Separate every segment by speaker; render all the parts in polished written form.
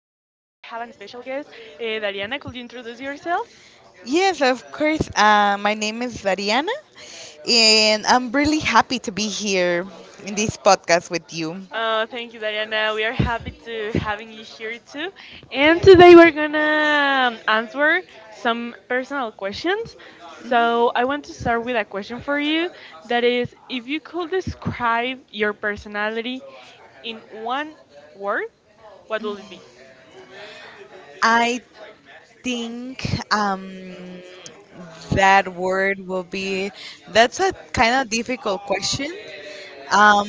Speaker 1: an special guest. Dariana, could you introduce yourself?
Speaker 2: Yes, of course. My name is Dariana, and I'm really happy to be here in this podcast with you.
Speaker 1: Thank you, Dariana. We are happy to having you here too. And today we're gonna answer some personal questions. So I want to start with a question for you. That is, if you could describe your personality in one word, what will it be?
Speaker 2: I think um, that word will be, that's a kind of difficult question, um,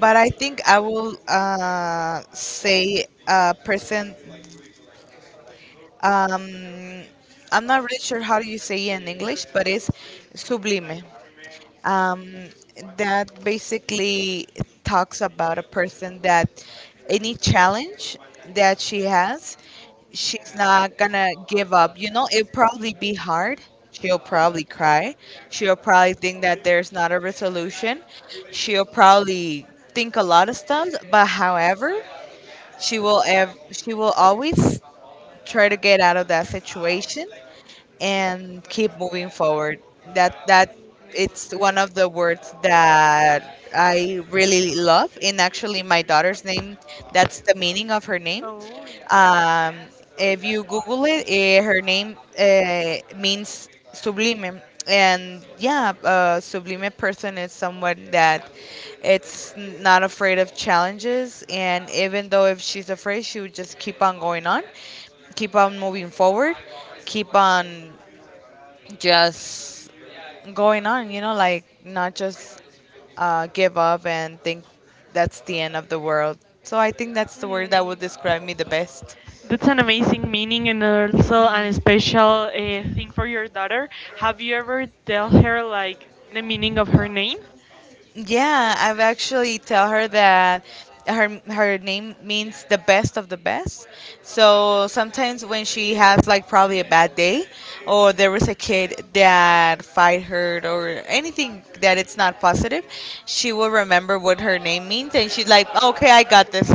Speaker 2: but I think I will say a person. Um, I'm not really sure how you say in English, but it's sublime. um, that basically talks about a person that any challenge that she has,
Speaker 1: Mhm.
Speaker 2: she's not gonna give up. You know, it'll probably be hard. She'll probably cry. She'll probably think that there's not a resolution. She'll probably think a lot of stuff. But however, she will always try to get out of that situation and keep moving forward. That it's one of the words that
Speaker 1: I.
Speaker 2: I really love. And actually, my daughter's name, that's the meaning of her name.
Speaker 1: Um,
Speaker 2: Um, if you Google it, her name means sublime. And yeah, a sublime person is someone that it's not afraid of challenges. And even though if she's afraid, she would just keep on going on, keep on moving forward, keep on just going on, you know, like not just give up and think that's the end of the world. So I think that's the word that would describe me the
Speaker 1: best.
Speaker 2: best.
Speaker 1: That's an amazing meaning and also an special thing for your daughter. Have you ever tell her like the meaning of her name?
Speaker 2: Yeah, I've actually tell her that her name means the best of the best. So sometimes when she has like probably a bad day, or there was a kid that fight her or anything that it's not positive, she will remember what her name means, and she's like, okay, I got this.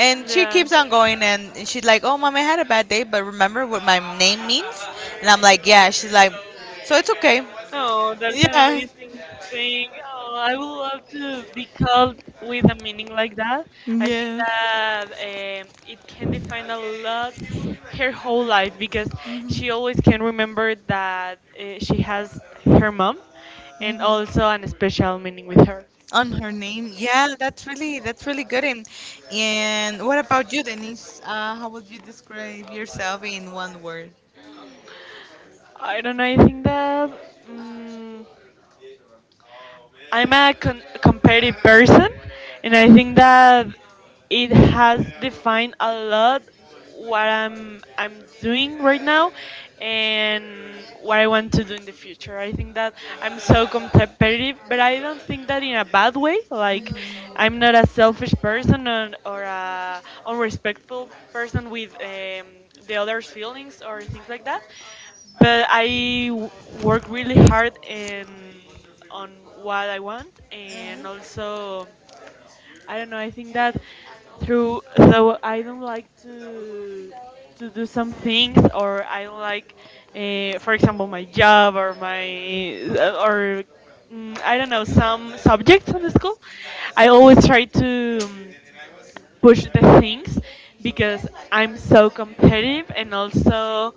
Speaker 2: And she
Speaker 1: Yeah.
Speaker 2: keeps on going, and she's like, "Oh, mom, I had a bad day, but remember what my name means." And I'm like, "Yeah." She's like, "So it's okay."
Speaker 1: Oh, that's an amazing thing. Oh, I would love to be called with a meaning like that.
Speaker 2: Yeah.
Speaker 1: I think
Speaker 2: Yeah.
Speaker 1: that it can define a lot her whole life because she always can remember that she has her mom and also an special meaning with her.
Speaker 2: On her name, yeah, that's really good. And what about you, Denise? How would you describe yourself in one word?
Speaker 1: I don't know, I think that. mm I'm a competitive person, and I think that it has defined a lot what I'm doing right now and what I want to do in the future. I think that I'm so competitive, but I don't think that in a bad way. Like
Speaker 2: Mm-hmm.
Speaker 1: I'm not a selfish person or a unrespectful person with the others' feelings or things like that but I work really hard in on what I want, and also I don't know. I think that through so I don't like to do some things, or I don't like, for example, my job or my or I don't know some subjects in the school. I always try to push the things because I'm so competitive and also.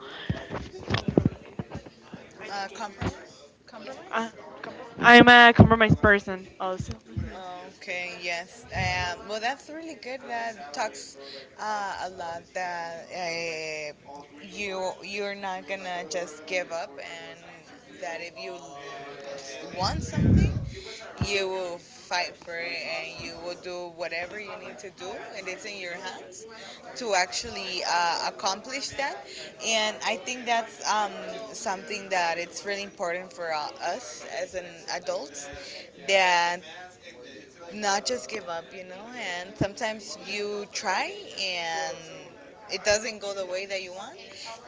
Speaker 2: Compromise?
Speaker 1: Uh,
Speaker 2: Compromise?
Speaker 1: I'm a compromised person also. Mhm.
Speaker 2: Okay, yes. Well, that's really good. That talks a lot that you're not gonna just give up, and that if you want something, you will fight for it, and you will do whatever you need to do, and it's in your hands to actually accomplish that. And I think that's something that it's really important for us as an adults that not just give up. And sometimes you try and it doesn't go the way that you want,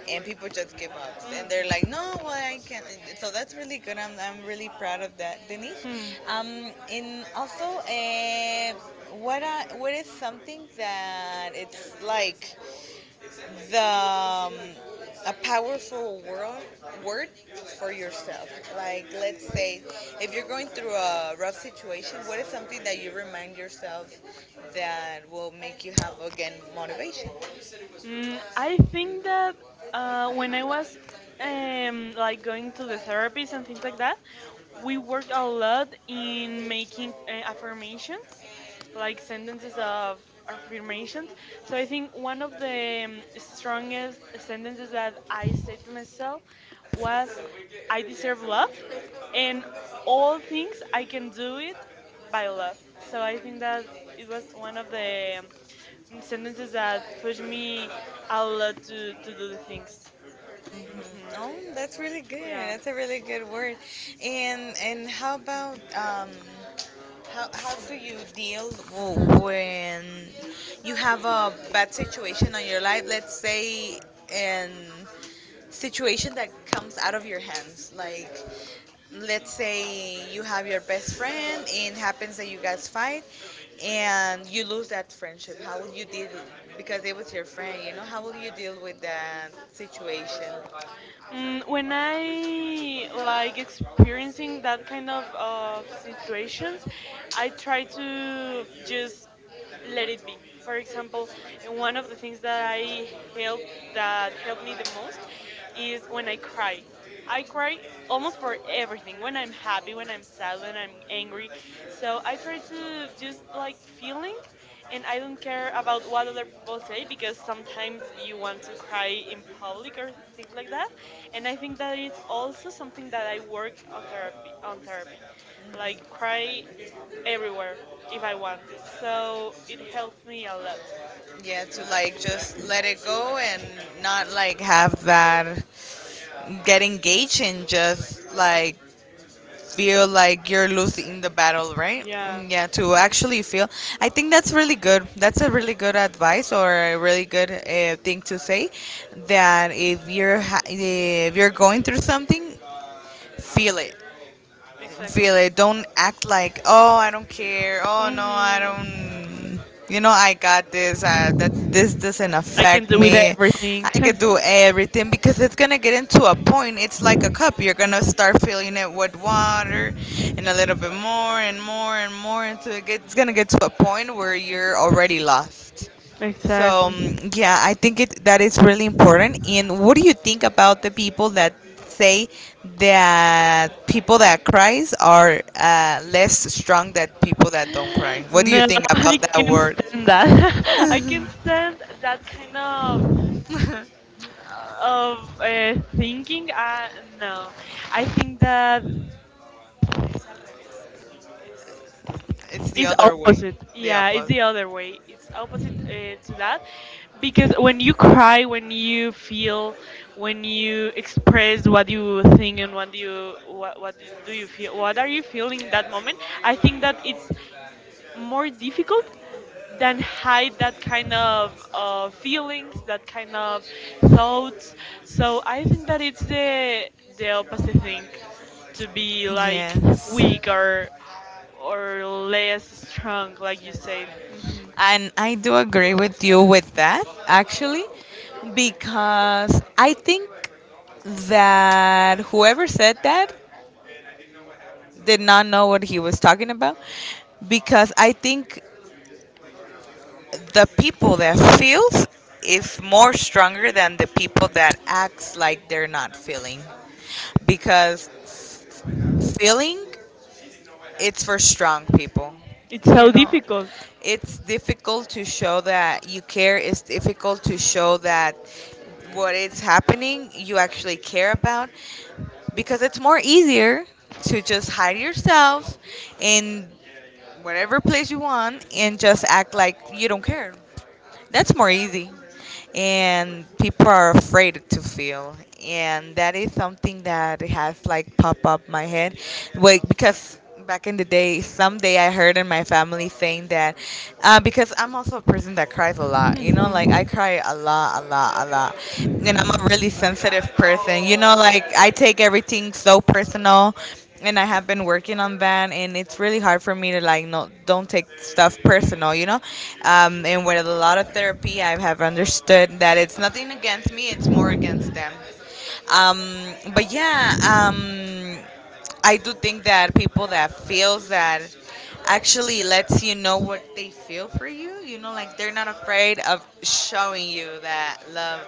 Speaker 2: and people just give up. And they're like, no, well, I can't. So that's really good. I'm really proud of that, Denise. And also, what is something
Speaker 1: Mm.
Speaker 2: that it's like
Speaker 1: Hmm.
Speaker 2: the a powerful word for yourself. Like let's say if you're going through a rough situation, what is something that you remind yourself that will make you have again motivation?
Speaker 1: I think that when I was like going to the therapies and things like that, we worked a lot in making affirmations, like sentences of affirmations. So I think one of the strongest sentences that I said to myself was, "I deserve love, and all things I can do it by love." So I think that it was one of the in sentences that push me a lot to do the things.
Speaker 2: Oh,
Speaker 1: hmm
Speaker 2: that's really good.
Speaker 1: Yeah.
Speaker 2: That's a really good word. And how about how do you deal when you have a bad situation on your life? Let's say and situation that comes out of your hands. Like, let's say you have your best friend and happens that you guys fight and you lose that friendship. How will you deal? Because it was your friend, you know, how will you deal with that situation?
Speaker 1: When I like experiencing that kind of situations, I try to just let it be. For example, and one of the things that I help that helped me the most is when I cry. I cry almost for everything. When I'm happy, when I'm sad, when I'm angry. So I try to just like feeling and I don't care about what other people say because sometimes you want to cry in public or things like that. And I think that is also something that I work on therapy on therapy. Like cry everywhere if I want. So it helped me a lot.
Speaker 2: Yeah, to like just let it go and not like have that get engaged and just like feel like you're losing the battle, right?
Speaker 1: Yeah,
Speaker 2: Mm, yeah, to actually feel. I think that's really good. That's a really good advice or a really good thing to say. That if if you're going through something, feel it,
Speaker 1: exactly.
Speaker 2: feel it. Don't act like, oh, I don't care. Oh no, I
Speaker 1: hmm
Speaker 2: don't. You know, I got this. That this doesn't
Speaker 1: I can
Speaker 2: affect
Speaker 1: do with
Speaker 2: me.
Speaker 1: everything.
Speaker 2: I could do everything because it's gonna get into a point. It's like a cup. You're gonna start filling it with water, and a little bit more and more and more until it gets, it's gonna get to a point where you're already lost. So
Speaker 1: Exactly.
Speaker 2: yeah, I think it that is really important. And what do you think about the people that say that people that cries are less strong than people that don't cry? What do you
Speaker 1: No,
Speaker 2: think
Speaker 1: I
Speaker 2: about that
Speaker 1: can't
Speaker 2: word?
Speaker 1: stand that. I can't stand that kind of thinking no I think that
Speaker 2: It's the
Speaker 1: it's
Speaker 2: other way,
Speaker 1: opposite
Speaker 2: the
Speaker 1: yeah it's
Speaker 2: opposite.
Speaker 1: the other way it's opposite to that because when you cry when you feel when you express what you think and what you what do you feel what are you feeling in that moment I think that it's more difficult than hide that kind of feelings, that kind of thoughts. So I think that it's the opposite thing to be like
Speaker 2: Yes.
Speaker 1: weak or less strong, like you said. Mhm.
Speaker 2: And I do agree with you with that, actually, because I think that whoever said that did not know what he was talking about, because I think the people that feels is more stronger than the people that acts like they're not feeling, because feeling it's for strong people.
Speaker 1: It's
Speaker 2: You
Speaker 1: so
Speaker 2: know,
Speaker 1: difficult.
Speaker 2: it's difficult to show that you care. It's difficult to show that what is happening you actually care about, because it's more easier to just hide yourself in whatever place you want and just act like you don't care. That's more easy, and people are afraid to feel. And that is something that has like pop up my head, wait, because back in the day someday I heard in my family saying that, because I'm also a person that cries a lot, you know, like I
Speaker 1: Mhm.
Speaker 2: cry a lot a lot a lot, and I'm a really sensitive person, you know, like I take everything so personal. And I have been working on that, and it's really hard for me to like no don't take stuff personal, you know. And with a lot of therapy, I have understood that it's nothing against me; it's more against them. But yeah, I do think that people that feels that actually lets you know what they feel for you. You know, like they're not afraid of showing you that love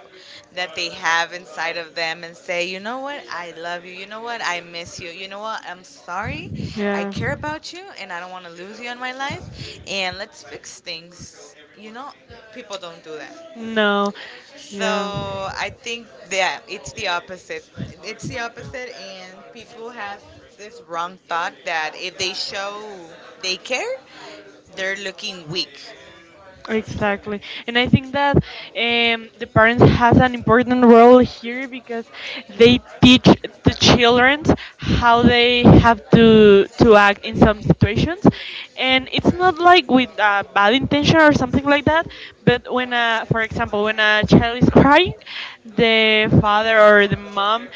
Speaker 2: that they have inside of them and say, you know what, I love you. You know what, I miss you. You know what, I'm sorry. I
Speaker 1: Yeah.
Speaker 2: care about you, and I don't want to lose you in my life. And let's fix things. You know, people don't do that.
Speaker 1: No.
Speaker 2: So I think yeah, it's the opposite. It's the opposite, and people have this wrong thought that if they show they care, they're looking weak.
Speaker 1: Yeah. Exactly, and I think that the parents has an important role here because they teach the children how they have to act in some situations, and it's not like with a bad intention or something like that. But when, for example, when a child is crying, the father or the mom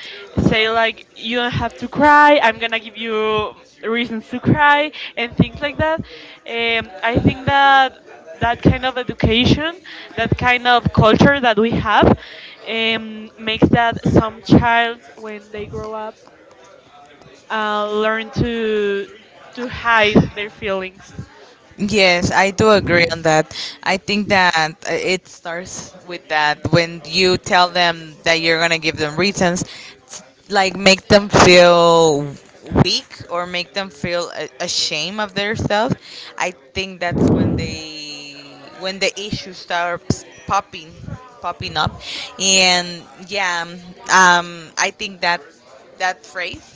Speaker 1: say like, "You don't have to cry. I'm gonna give you reasons to cry and things like that." I think that that kind of education, that kind of culture that we have, makes that some child, when they grow up, learn to hide their feelings.
Speaker 2: Yes, I do agree on that. I think that it starts with that when you tell them that you're going to give them reasons, s- like make them feel weak or make them feel ashamed of their self. I think that's when they when the issue starts popping up. And yeah, I think that phrase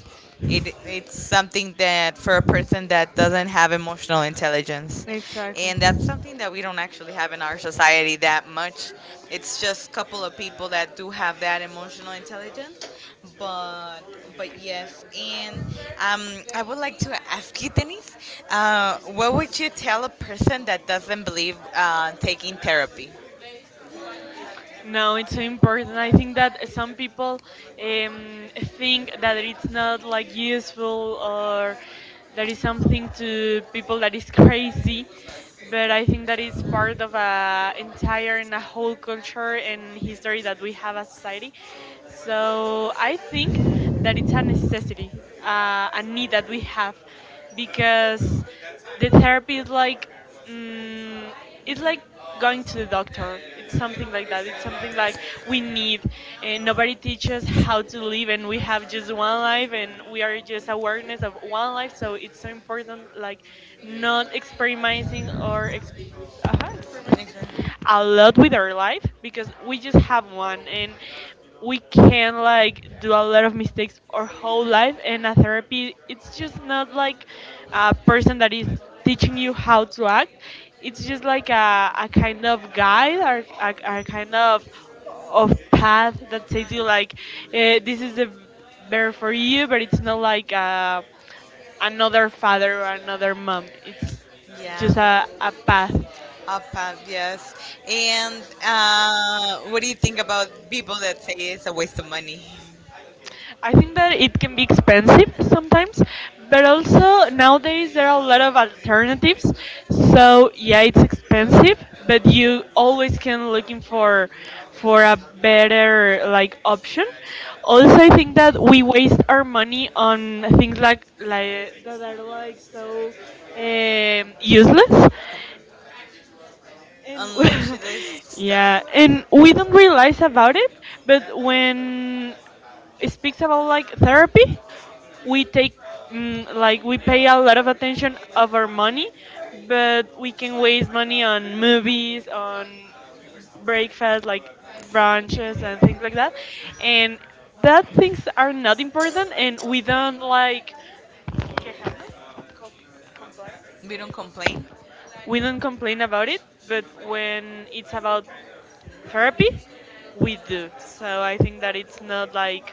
Speaker 2: it's something that for a person that doesn't have emotional intelligence.
Speaker 1: Exactly.
Speaker 2: And that's something that we don't actually have in our society that much. It's just a couple of people that do have that emotional intelligence, but but yes. And I would like to ask you, Denise, what would you tell a person that doesn't believe taking therapy?
Speaker 1: No, it's so important. I think that some people um, think that it's not like useful or that is something to people that is crazy, but I think that it's part of a entire and a whole culture and history that we have as society. So I think that it's a necessity, a need that we have because the therapy is like mm, it's like going to the doctor it's something like that it's something like we need and nobody teaches how to live and we have just one life and we are just awareness of one life so it's so important like not experimenting or experimenting
Speaker 2: Okay.
Speaker 1: a lot with our life because we just have one and we can like do a lot of mistakes our whole life and a therapy it's just not like a person that is teaching you how to act it's just like a kind of guide or a kind of path that says you like this is the better for you but it's not like another father or another mom it's
Speaker 2: Yeah.
Speaker 1: just a path.
Speaker 2: APAP, yes. And what do you think about people that say it's a waste of money?
Speaker 1: I think that it can be expensive sometimes, but also nowadays there are a lot of alternatives. So yeah, it's expensive, but you always can looking for a better like option. Also, I think that we waste our money on things like that are like so useless. And
Speaker 2: Unless you stuff,
Speaker 1: yeah, and we don't realize about it, but when it speaks about like therapy, we take like we pay a lot of attention of our money, but we can waste money on movies, on breakfast, like brunches and things like that, and that things are not important, and we don't like quejarnos, com- complain.
Speaker 2: we don't complain.
Speaker 1: We don't complain about it, but when it's about therapy we do so I think that it's not like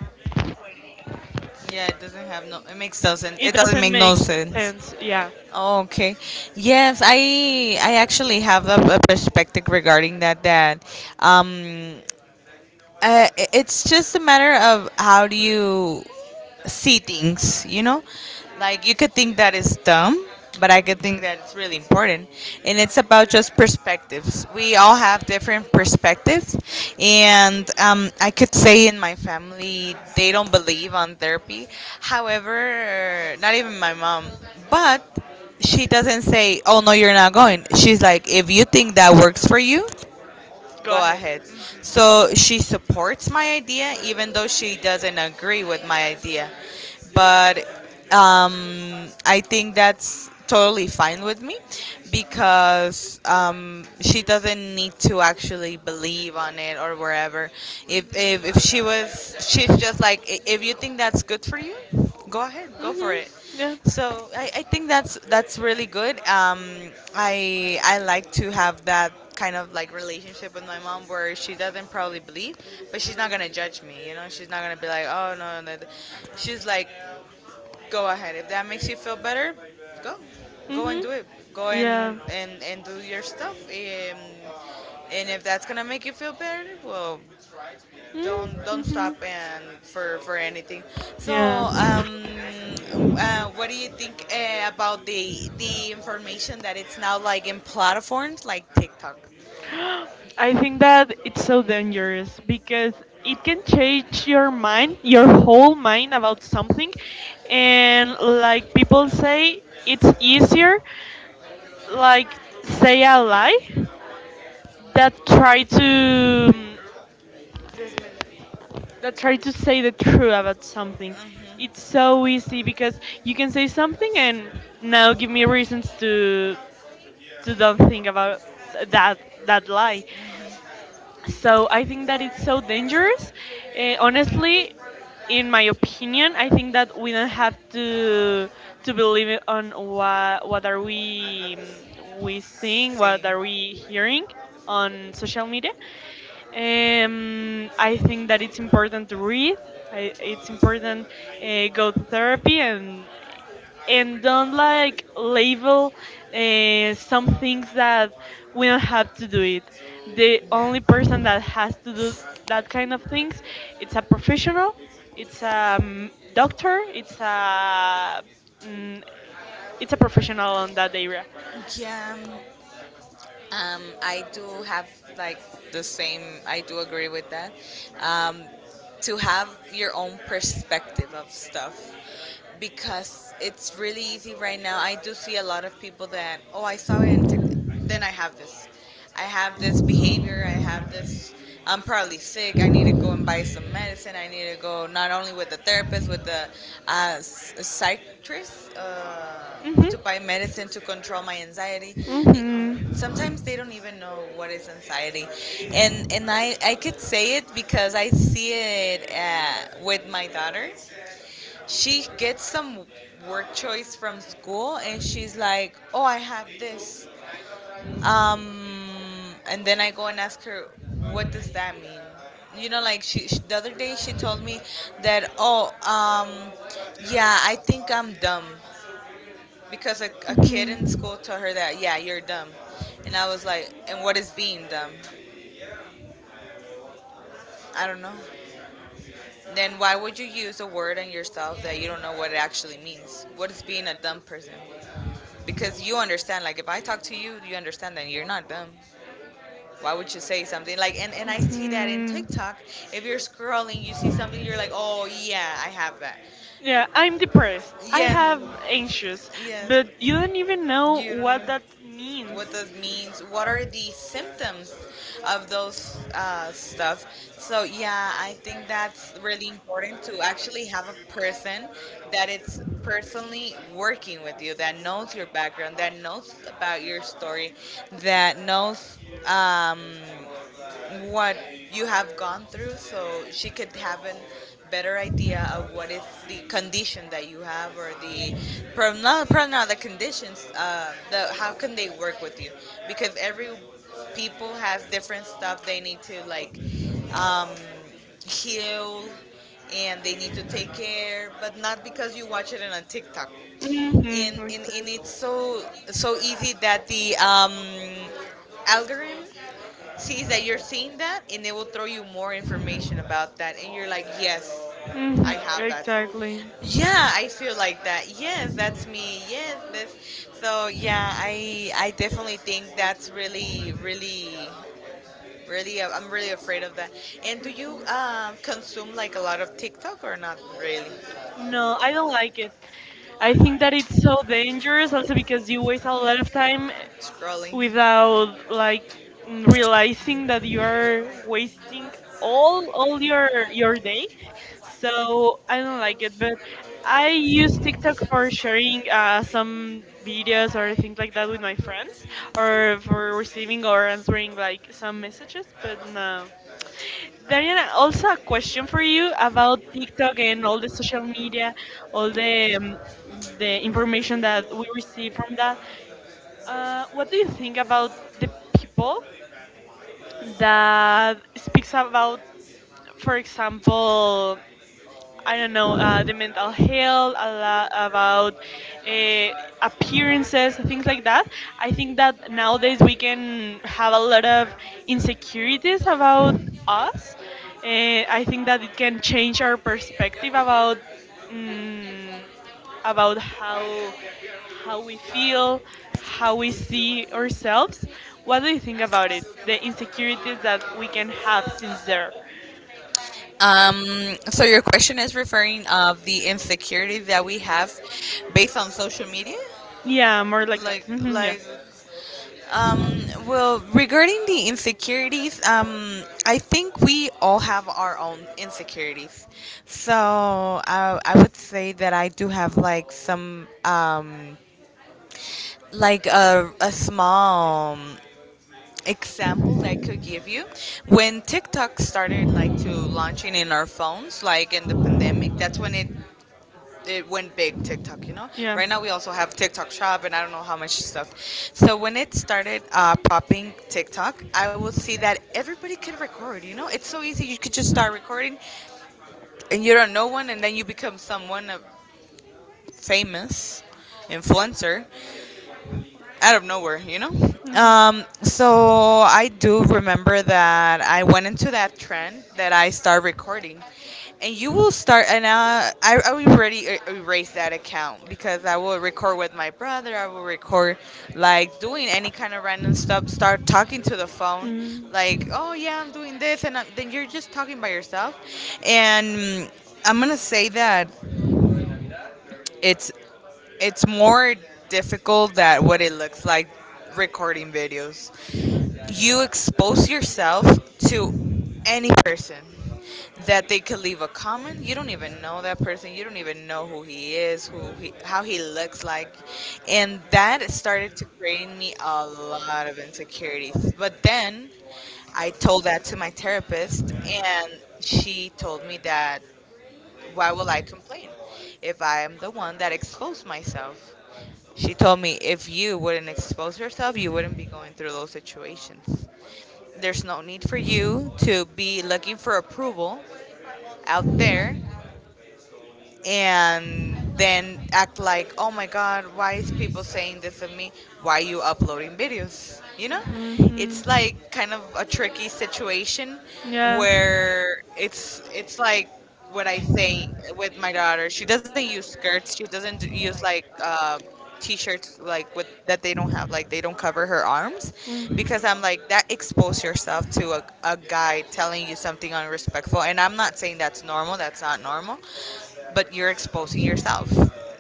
Speaker 2: Yeah, it doesn't have no. It makes no sense.
Speaker 1: it
Speaker 2: It doesn't
Speaker 1: doesn't
Speaker 2: make
Speaker 1: make
Speaker 2: no sense.
Speaker 1: sense yeah
Speaker 2: Okay. Yes, I actually have a perspective regarding that. Um, it's just a matter of how do you see things, you know? Like you could think that is dumb, but I could think that it's really important. And it's about just perspectives. We all have different perspectives. And I could say in my family, they don't believe on therapy. However, not even my mom, but she doesn't say, oh no, you're not going. She's like, if you think that works for you,
Speaker 1: go
Speaker 2: go
Speaker 1: ahead
Speaker 2: ahead.
Speaker 1: hmm
Speaker 2: So she supports my idea, even though she doesn't agree with my idea. But I think that's totally fine with me, because she doesn't need to actually believe on it or wherever. If she was, she's just like, "If you think that's good for you, go ahead, go for
Speaker 1: hmm
Speaker 2: it. So I think that's really good. I like to have that kind of like relationship with my mom where she doesn't probably believe, but she's not gonna judge me. You know, she's not gonna be like, oh no, no, no." She's like, go ahead. If that makes you feel better, go, go and do it. Go
Speaker 1: yeah hmm
Speaker 2: and
Speaker 1: yeah
Speaker 2: and and do your stuff. And if that's gonna make you feel better, well, don't
Speaker 1: mm-hmm.
Speaker 2: don't stop
Speaker 1: Mm-hmm.
Speaker 2: and for anything. So
Speaker 1: yeah.
Speaker 2: um what do you think about the information that it's now like in platforms like TikTok?
Speaker 1: I think that it's so dangerous because it can change your mind, your whole mind about something. And like people say, it's easier like say a lie that try to that try to say the truth about something. It's so easy because you can say something and now give me reasons to don't think about that that lie. So I think that it's so dangerous. Honestly, in my opinion, I think that we don't have to believe it on what are we we seeing,
Speaker 2: See.
Speaker 1: what are we hearing on social media. I think that it's important to read. It's important go to therapy and don't like label some things that we don't have to do it. The only person
Speaker 2: Yeah.
Speaker 1: that has to do that kind of things, it's a professional, it's a doctor, it's a mm, it's a professional on that area.
Speaker 2: Yeah. I do have like the same. I do agree with that. Um, to have your own perspective of stuff, because it's really easy right now. I do see a lot of people that oh I saw it and tick then I have this. I have this behavior, I have this, I'm probably sick, I need to go and buy some medicine, I need to go not only with the therapist, with the psychiatrist
Speaker 1: Mhm.
Speaker 2: to buy medicine to control my anxiety. Sometimes they don't even know what is anxiety. And I could say it because I see it with my daughter.
Speaker 1: Mhm.
Speaker 2: She gets some work choice from school and she's like, oh, I have this um, and then I go and ask her, what does that mean? You know, like she the other day she told me that, oh, yeah, I think I'm dumb because a kid in
Speaker 1: Mhm.
Speaker 2: school told her that, yeah, you're dumb. And I was like, and what is being dumb? I don't know. Then why would you use a word on yourself that you don't know what it actually means? What is being a dumb person? Because you understand, like if I talk to you, you understand that you're not dumb. Why would you say something like and I
Speaker 1: that.
Speaker 2: see that in TikTok. If you're scrolling you see something, you're like, oh yeah, I have that.
Speaker 1: Yeah, I'm depressed. I
Speaker 2: Yeah,
Speaker 1: have anxious,
Speaker 2: yeah,
Speaker 1: but you don't even know
Speaker 2: you don't
Speaker 1: what
Speaker 2: even
Speaker 1: that means.
Speaker 2: what that means, what are the symptoms of those stuff. So yeah, I think that's really important to actually have a person that it's personally working with you, that knows your background, that knows about your story, that knows um, what you have gone through, so she could have a better idea of what is the condition that you have, or the problem. Not, probably not the conditions, the how can they work with you, because every people have different stuff they need to like um, heal and they need to take care. But not because you watch it on a TikTok and,
Speaker 1: Mm-hmm.
Speaker 2: and, and it's so so easy that the algorithm see is that you're seeing that and they will throw you more information about that, and you're like, yes, I have
Speaker 1: Like
Speaker 2: that,
Speaker 1: exactly.
Speaker 2: yeah, I feel like that, yes, that's me, yes, this. So yeah, I definitely think that's really really really, I'm really afraid of that. And do you consume like a lot of TikTok or not really?
Speaker 1: No, I don't like it. I think that it's so dangerous also because you waste a lot of time
Speaker 2: Scrolling.
Speaker 1: without like realizing that you are wasting all your day. So I don't like it, but I use TikTok for sharing some videos or things like that with my friends, or for receiving or answering like some messages. But no, Dariana, also a question for you about TikTok and all the social media, all the information that we receive from that. What do you think about the people that speaks about, for example, I don't know, the mental health, a lot about uh, appearances, things like that. I think that nowadays we can have a lot of insecurities about us. I think that it can change our perspective about mm about how we feel, how we see ourselves. What do you think about it? The insecurities that we can have since there.
Speaker 2: Um, so your question is referring of the insecurity that we have based on social media?
Speaker 1: Yeah, more like that.
Speaker 2: like
Speaker 1: Mhm, yeah.
Speaker 2: like Um, well, regarding the insecurities, I think we all have our own insecurities. So I would say that I do have like some, like a small example that I could give you. When TikTok started like to launching in our phones, like in the pandemic, that's when it went big TikTok, you know.
Speaker 1: Yeah.
Speaker 2: Right
Speaker 1: Mhm.
Speaker 2: now we also have TikTok Shop and I don't know how much stuff. So when it started popping TikTok, I will see that everybody could record. You know, it's so easy. You could just start recording, and you don't know one, and then you become someone famous, influencer out of nowhere, you know? So I do remember that I went into that trend that I start recording. And you will start, and I already erased that account because I will record with my brother. I will record, like, doing any kind of random stuff, start talking to the phone, like, oh, yeah, I'm doing this. And I then you're just talking by yourself. And I'm going to say that it's it's more difficult than what it looks like recording videos. You expose yourself to any person that they could leave a comment. You don't even know that person. You don't even know who he is, who he, how he looks like, and that started to create in me a lot of insecurities. But then I told that to my therapist, and she told me that why will I complain if I am the one that exposed myself? She told me if you wouldn't expose yourself, you wouldn't be going through those situations. There's no need for you to be looking for approval out there and then act like, oh my God, why is people saying this of me? Why are you uploading videos? You know?
Speaker 1: Mm.
Speaker 2: It's like kind of a tricky situation
Speaker 1: Mhm. Yeah.
Speaker 2: where it's like what I say with my daughter. She doesn't use skirts. She doesn't use like t-shirts like with that they don't have like they don't cover her arms
Speaker 1: Mm.
Speaker 2: because I'm like that expose yourself to a guy telling you something unrespectful, and I'm not saying that's normal, that's not normal, but you're exposing yourself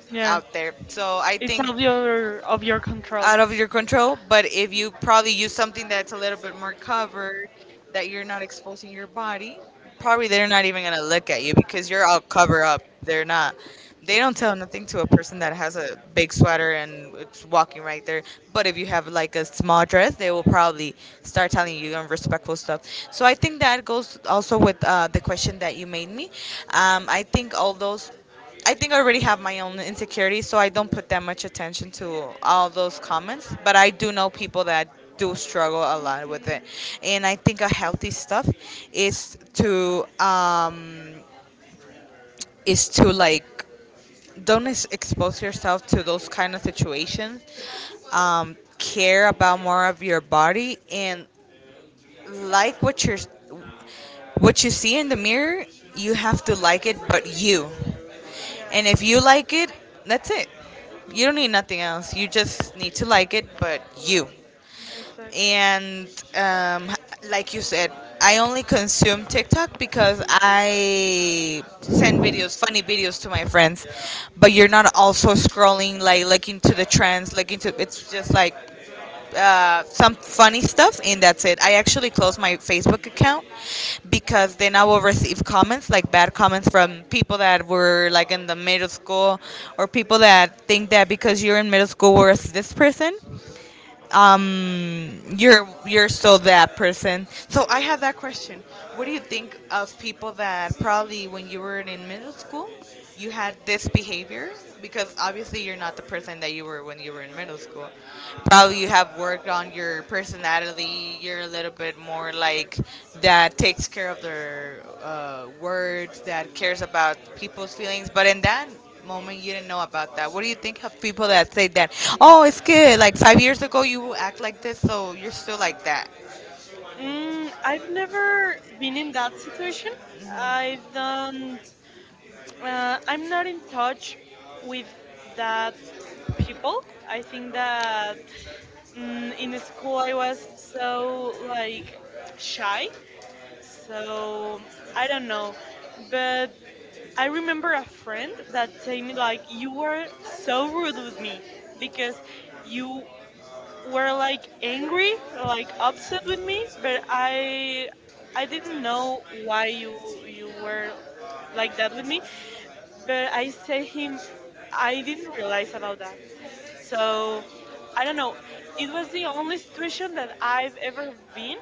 Speaker 1: Yeah.
Speaker 2: out there. So I
Speaker 1: It's
Speaker 2: think
Speaker 1: out of your control.
Speaker 2: out of your control, but if you probably use something that's a little bit more covered, that you're not exposing your body, probably they're not even gonna look at you because you're all cover up. They're not. They don't tell nothing to a person that has a big sweater and it's walking right there. But if you have like a small dress, they will probably start telling you unrespectful stuff. So I think that goes also with the question that you made me. I think all those I think I already have my own insecurities, so I don't put that much attention to all those comments. But I do know people that do struggle a lot with it, and I think a healthy stuff is to um, is to like don't expose yourself to those kind of situations. Care about more of your body and like what you're what you see in the mirror. You have to like it, but you. And if you like it, that's it. You don't need nothing else. You just need to like it, but you.
Speaker 1: Exactly.
Speaker 2: And um, like you said, I only consume TikTok because I send videos, funny videos to my friends. But you're not also scrolling, like looking to the trends, looking to. It's just like some funny stuff, and that's it. I actually closed my Facebook account because then I will receive comments, like bad comments from people that were like in the middle school, or people that think that because you're in middle school, worse this person um you're still that person. So I have that question, what do you think of people that probably when you were in middle school you had this behavior, because obviously you're not the person that you were when you were in middle school. Probably you have worked on your personality, you're a little bit more like that takes care of their words, that cares about people's feelings, but in that moment you didn't know about that? What do you think of people that say that? Oh, it's good. Like 5 years ago, you act like this, so you're still like that.
Speaker 1: I've never been in that situation. I don't. I'm not in touch with that people. I think that in school I was so like shy. So I don't know, but I remember a friend that told me like you were so rude with me because you were like angry, like upset with me, but I didn't know why you were like that with me, but I said him I didn't realize about that. So I don't know. It was the only situation that I've ever been,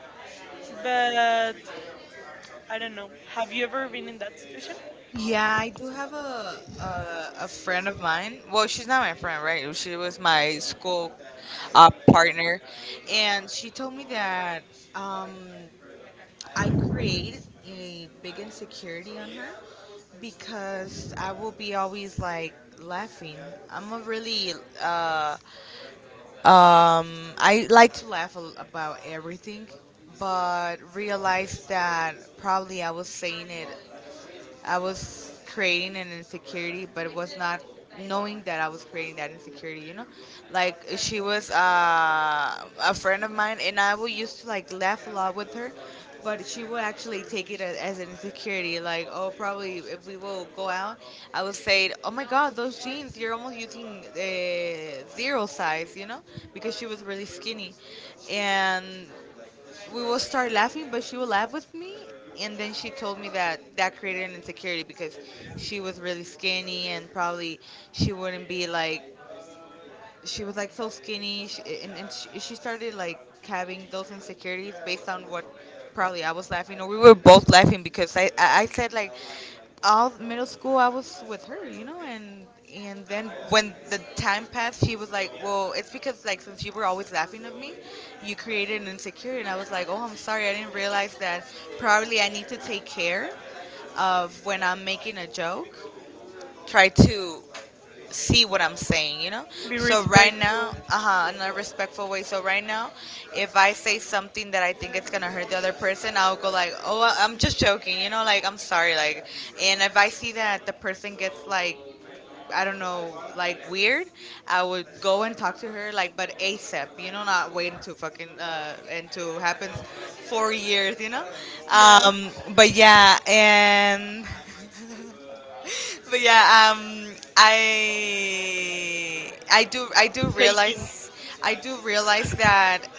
Speaker 1: but I don't know. Have you ever been in that situation?
Speaker 2: Yeah, I do have a friend of mine. Well, she's not my friend, right? She was my school partner, and she told me that um, I created a big insecurity on her because I will be always like laughing. I'm a really uh, Um, I like to laugh about everything, but realized that probably I was saying it I was creating an insecurity, but it was not knowing that I was creating that insecurity, you know? Like, she was a friend of mine, and I would used to, like, laugh a lot with her, but she would actually take it as an insecurity. Like, oh, probably if we will go out, I would say, oh my God, those jeans, you're almost using zero size, you know? Because she was really skinny. And we will start laughing, but she will laugh with me. And then she told me that that created an insecurity because she was really skinny and probably she wouldn't be like she was like so skinny sh and she started like having those insecurities based on what probably I was laughing or we were both laughing because I said like all middle school I was with her, you know, and then when the time passed she was like, well, it's because like since you were always laughing at me you created an insecurity. And I was like, oh, I'm sorry, I didn't realize that. Probably I need to take care of when I'm making a joke, try to see what I'm saying, you know?
Speaker 1: Be
Speaker 2: So right now,
Speaker 1: respectful.
Speaker 2: uh-huh, in a respectful way. So right now, if I say something that I think it's gonna hurt the other person, I'll go like, "Oh, I- I'm just joking," you know, like I'm sorry, like. And if I see that the person gets like, I don't know, like weird, I would go and talk to her, like, but ASAP, you know, not waiting to fucking and to happen 4 years, you know. Um, but yeah, and but yeah, I do
Speaker 1: Taking.
Speaker 2: realize I do realize that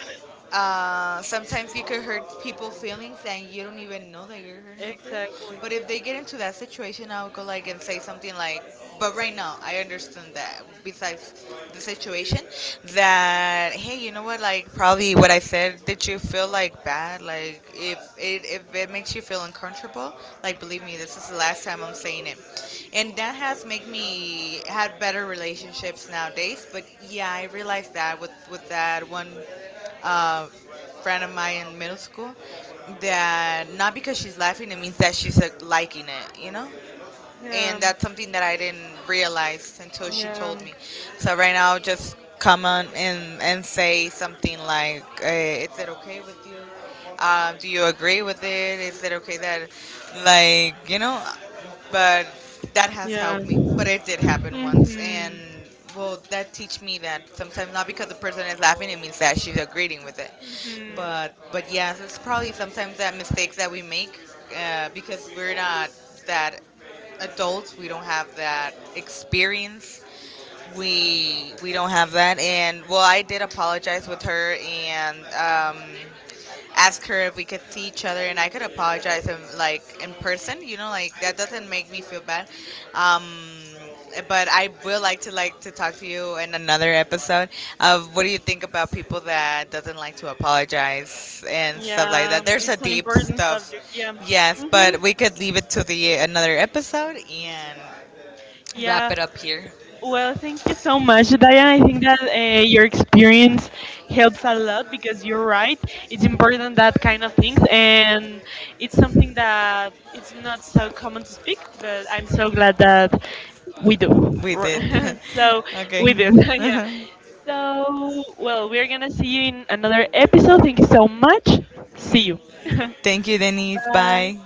Speaker 2: sometimes you could hurt people's feelings and you don't even know that you're hurting their feelings. But if they get into that situation, I'll go like and say something like, "But right now, I understand that. Besides the situation, that hey, you know what? Like probably what I said. Did you feel like bad? Like if it makes you feel uncomfortable, like believe me, this is the last time I'm saying it. And that has made me had better relationships nowadays. But yeah, I realized that with that one uh, friend of mine in middle school that not because she's laughing it means that she's like, liking it, you know. And
Speaker 1: Yeah.
Speaker 2: that's something that I didn't realize until she
Speaker 1: Yeah.
Speaker 2: told
Speaker 1: that
Speaker 2: me. So right now, just come on and say something like, eh, "Is it okay with you? Do you agree with it? Is it okay that, like, you know?" But that has helped me. But it did happen once, and
Speaker 1: hmm
Speaker 2: well, that teach me that sometimes not because the person is laughing, it means that she's agreeing with it.
Speaker 1: hmm
Speaker 2: But yes, it's probably sometimes that mistakes that we make because we're not that adults, we don't have that experience, we don't have that. And well, I did apologize with her and ask her if we could see each other and I could apologize in like in person, you know, like that doesn't make me feel bad. Um but I will like to talk to you in another episode of what do you think about people that doesn't like to apologize and stuff like
Speaker 1: Yeah,
Speaker 2: that. There's a
Speaker 1: it's an
Speaker 2: deep
Speaker 1: important
Speaker 2: stuff.
Speaker 1: subject. Yeah.
Speaker 2: Yes,
Speaker 1: hmm
Speaker 2: but we could leave it to the another episode and wrap
Speaker 1: Yeah.
Speaker 2: it up here.
Speaker 1: Well, thank you so much, Diane. I think that your experience helps a lot because you're right. It's important that kind of things, and it's something that it's not so common to speak. But I'm so glad that we do.
Speaker 2: We did.
Speaker 1: so we
Speaker 2: Okay.
Speaker 1: do. yeah. So well, we're gonna see you in another episode. Thank you so much. See you.
Speaker 2: Thank you, Denise.
Speaker 1: Bye.
Speaker 2: Bye.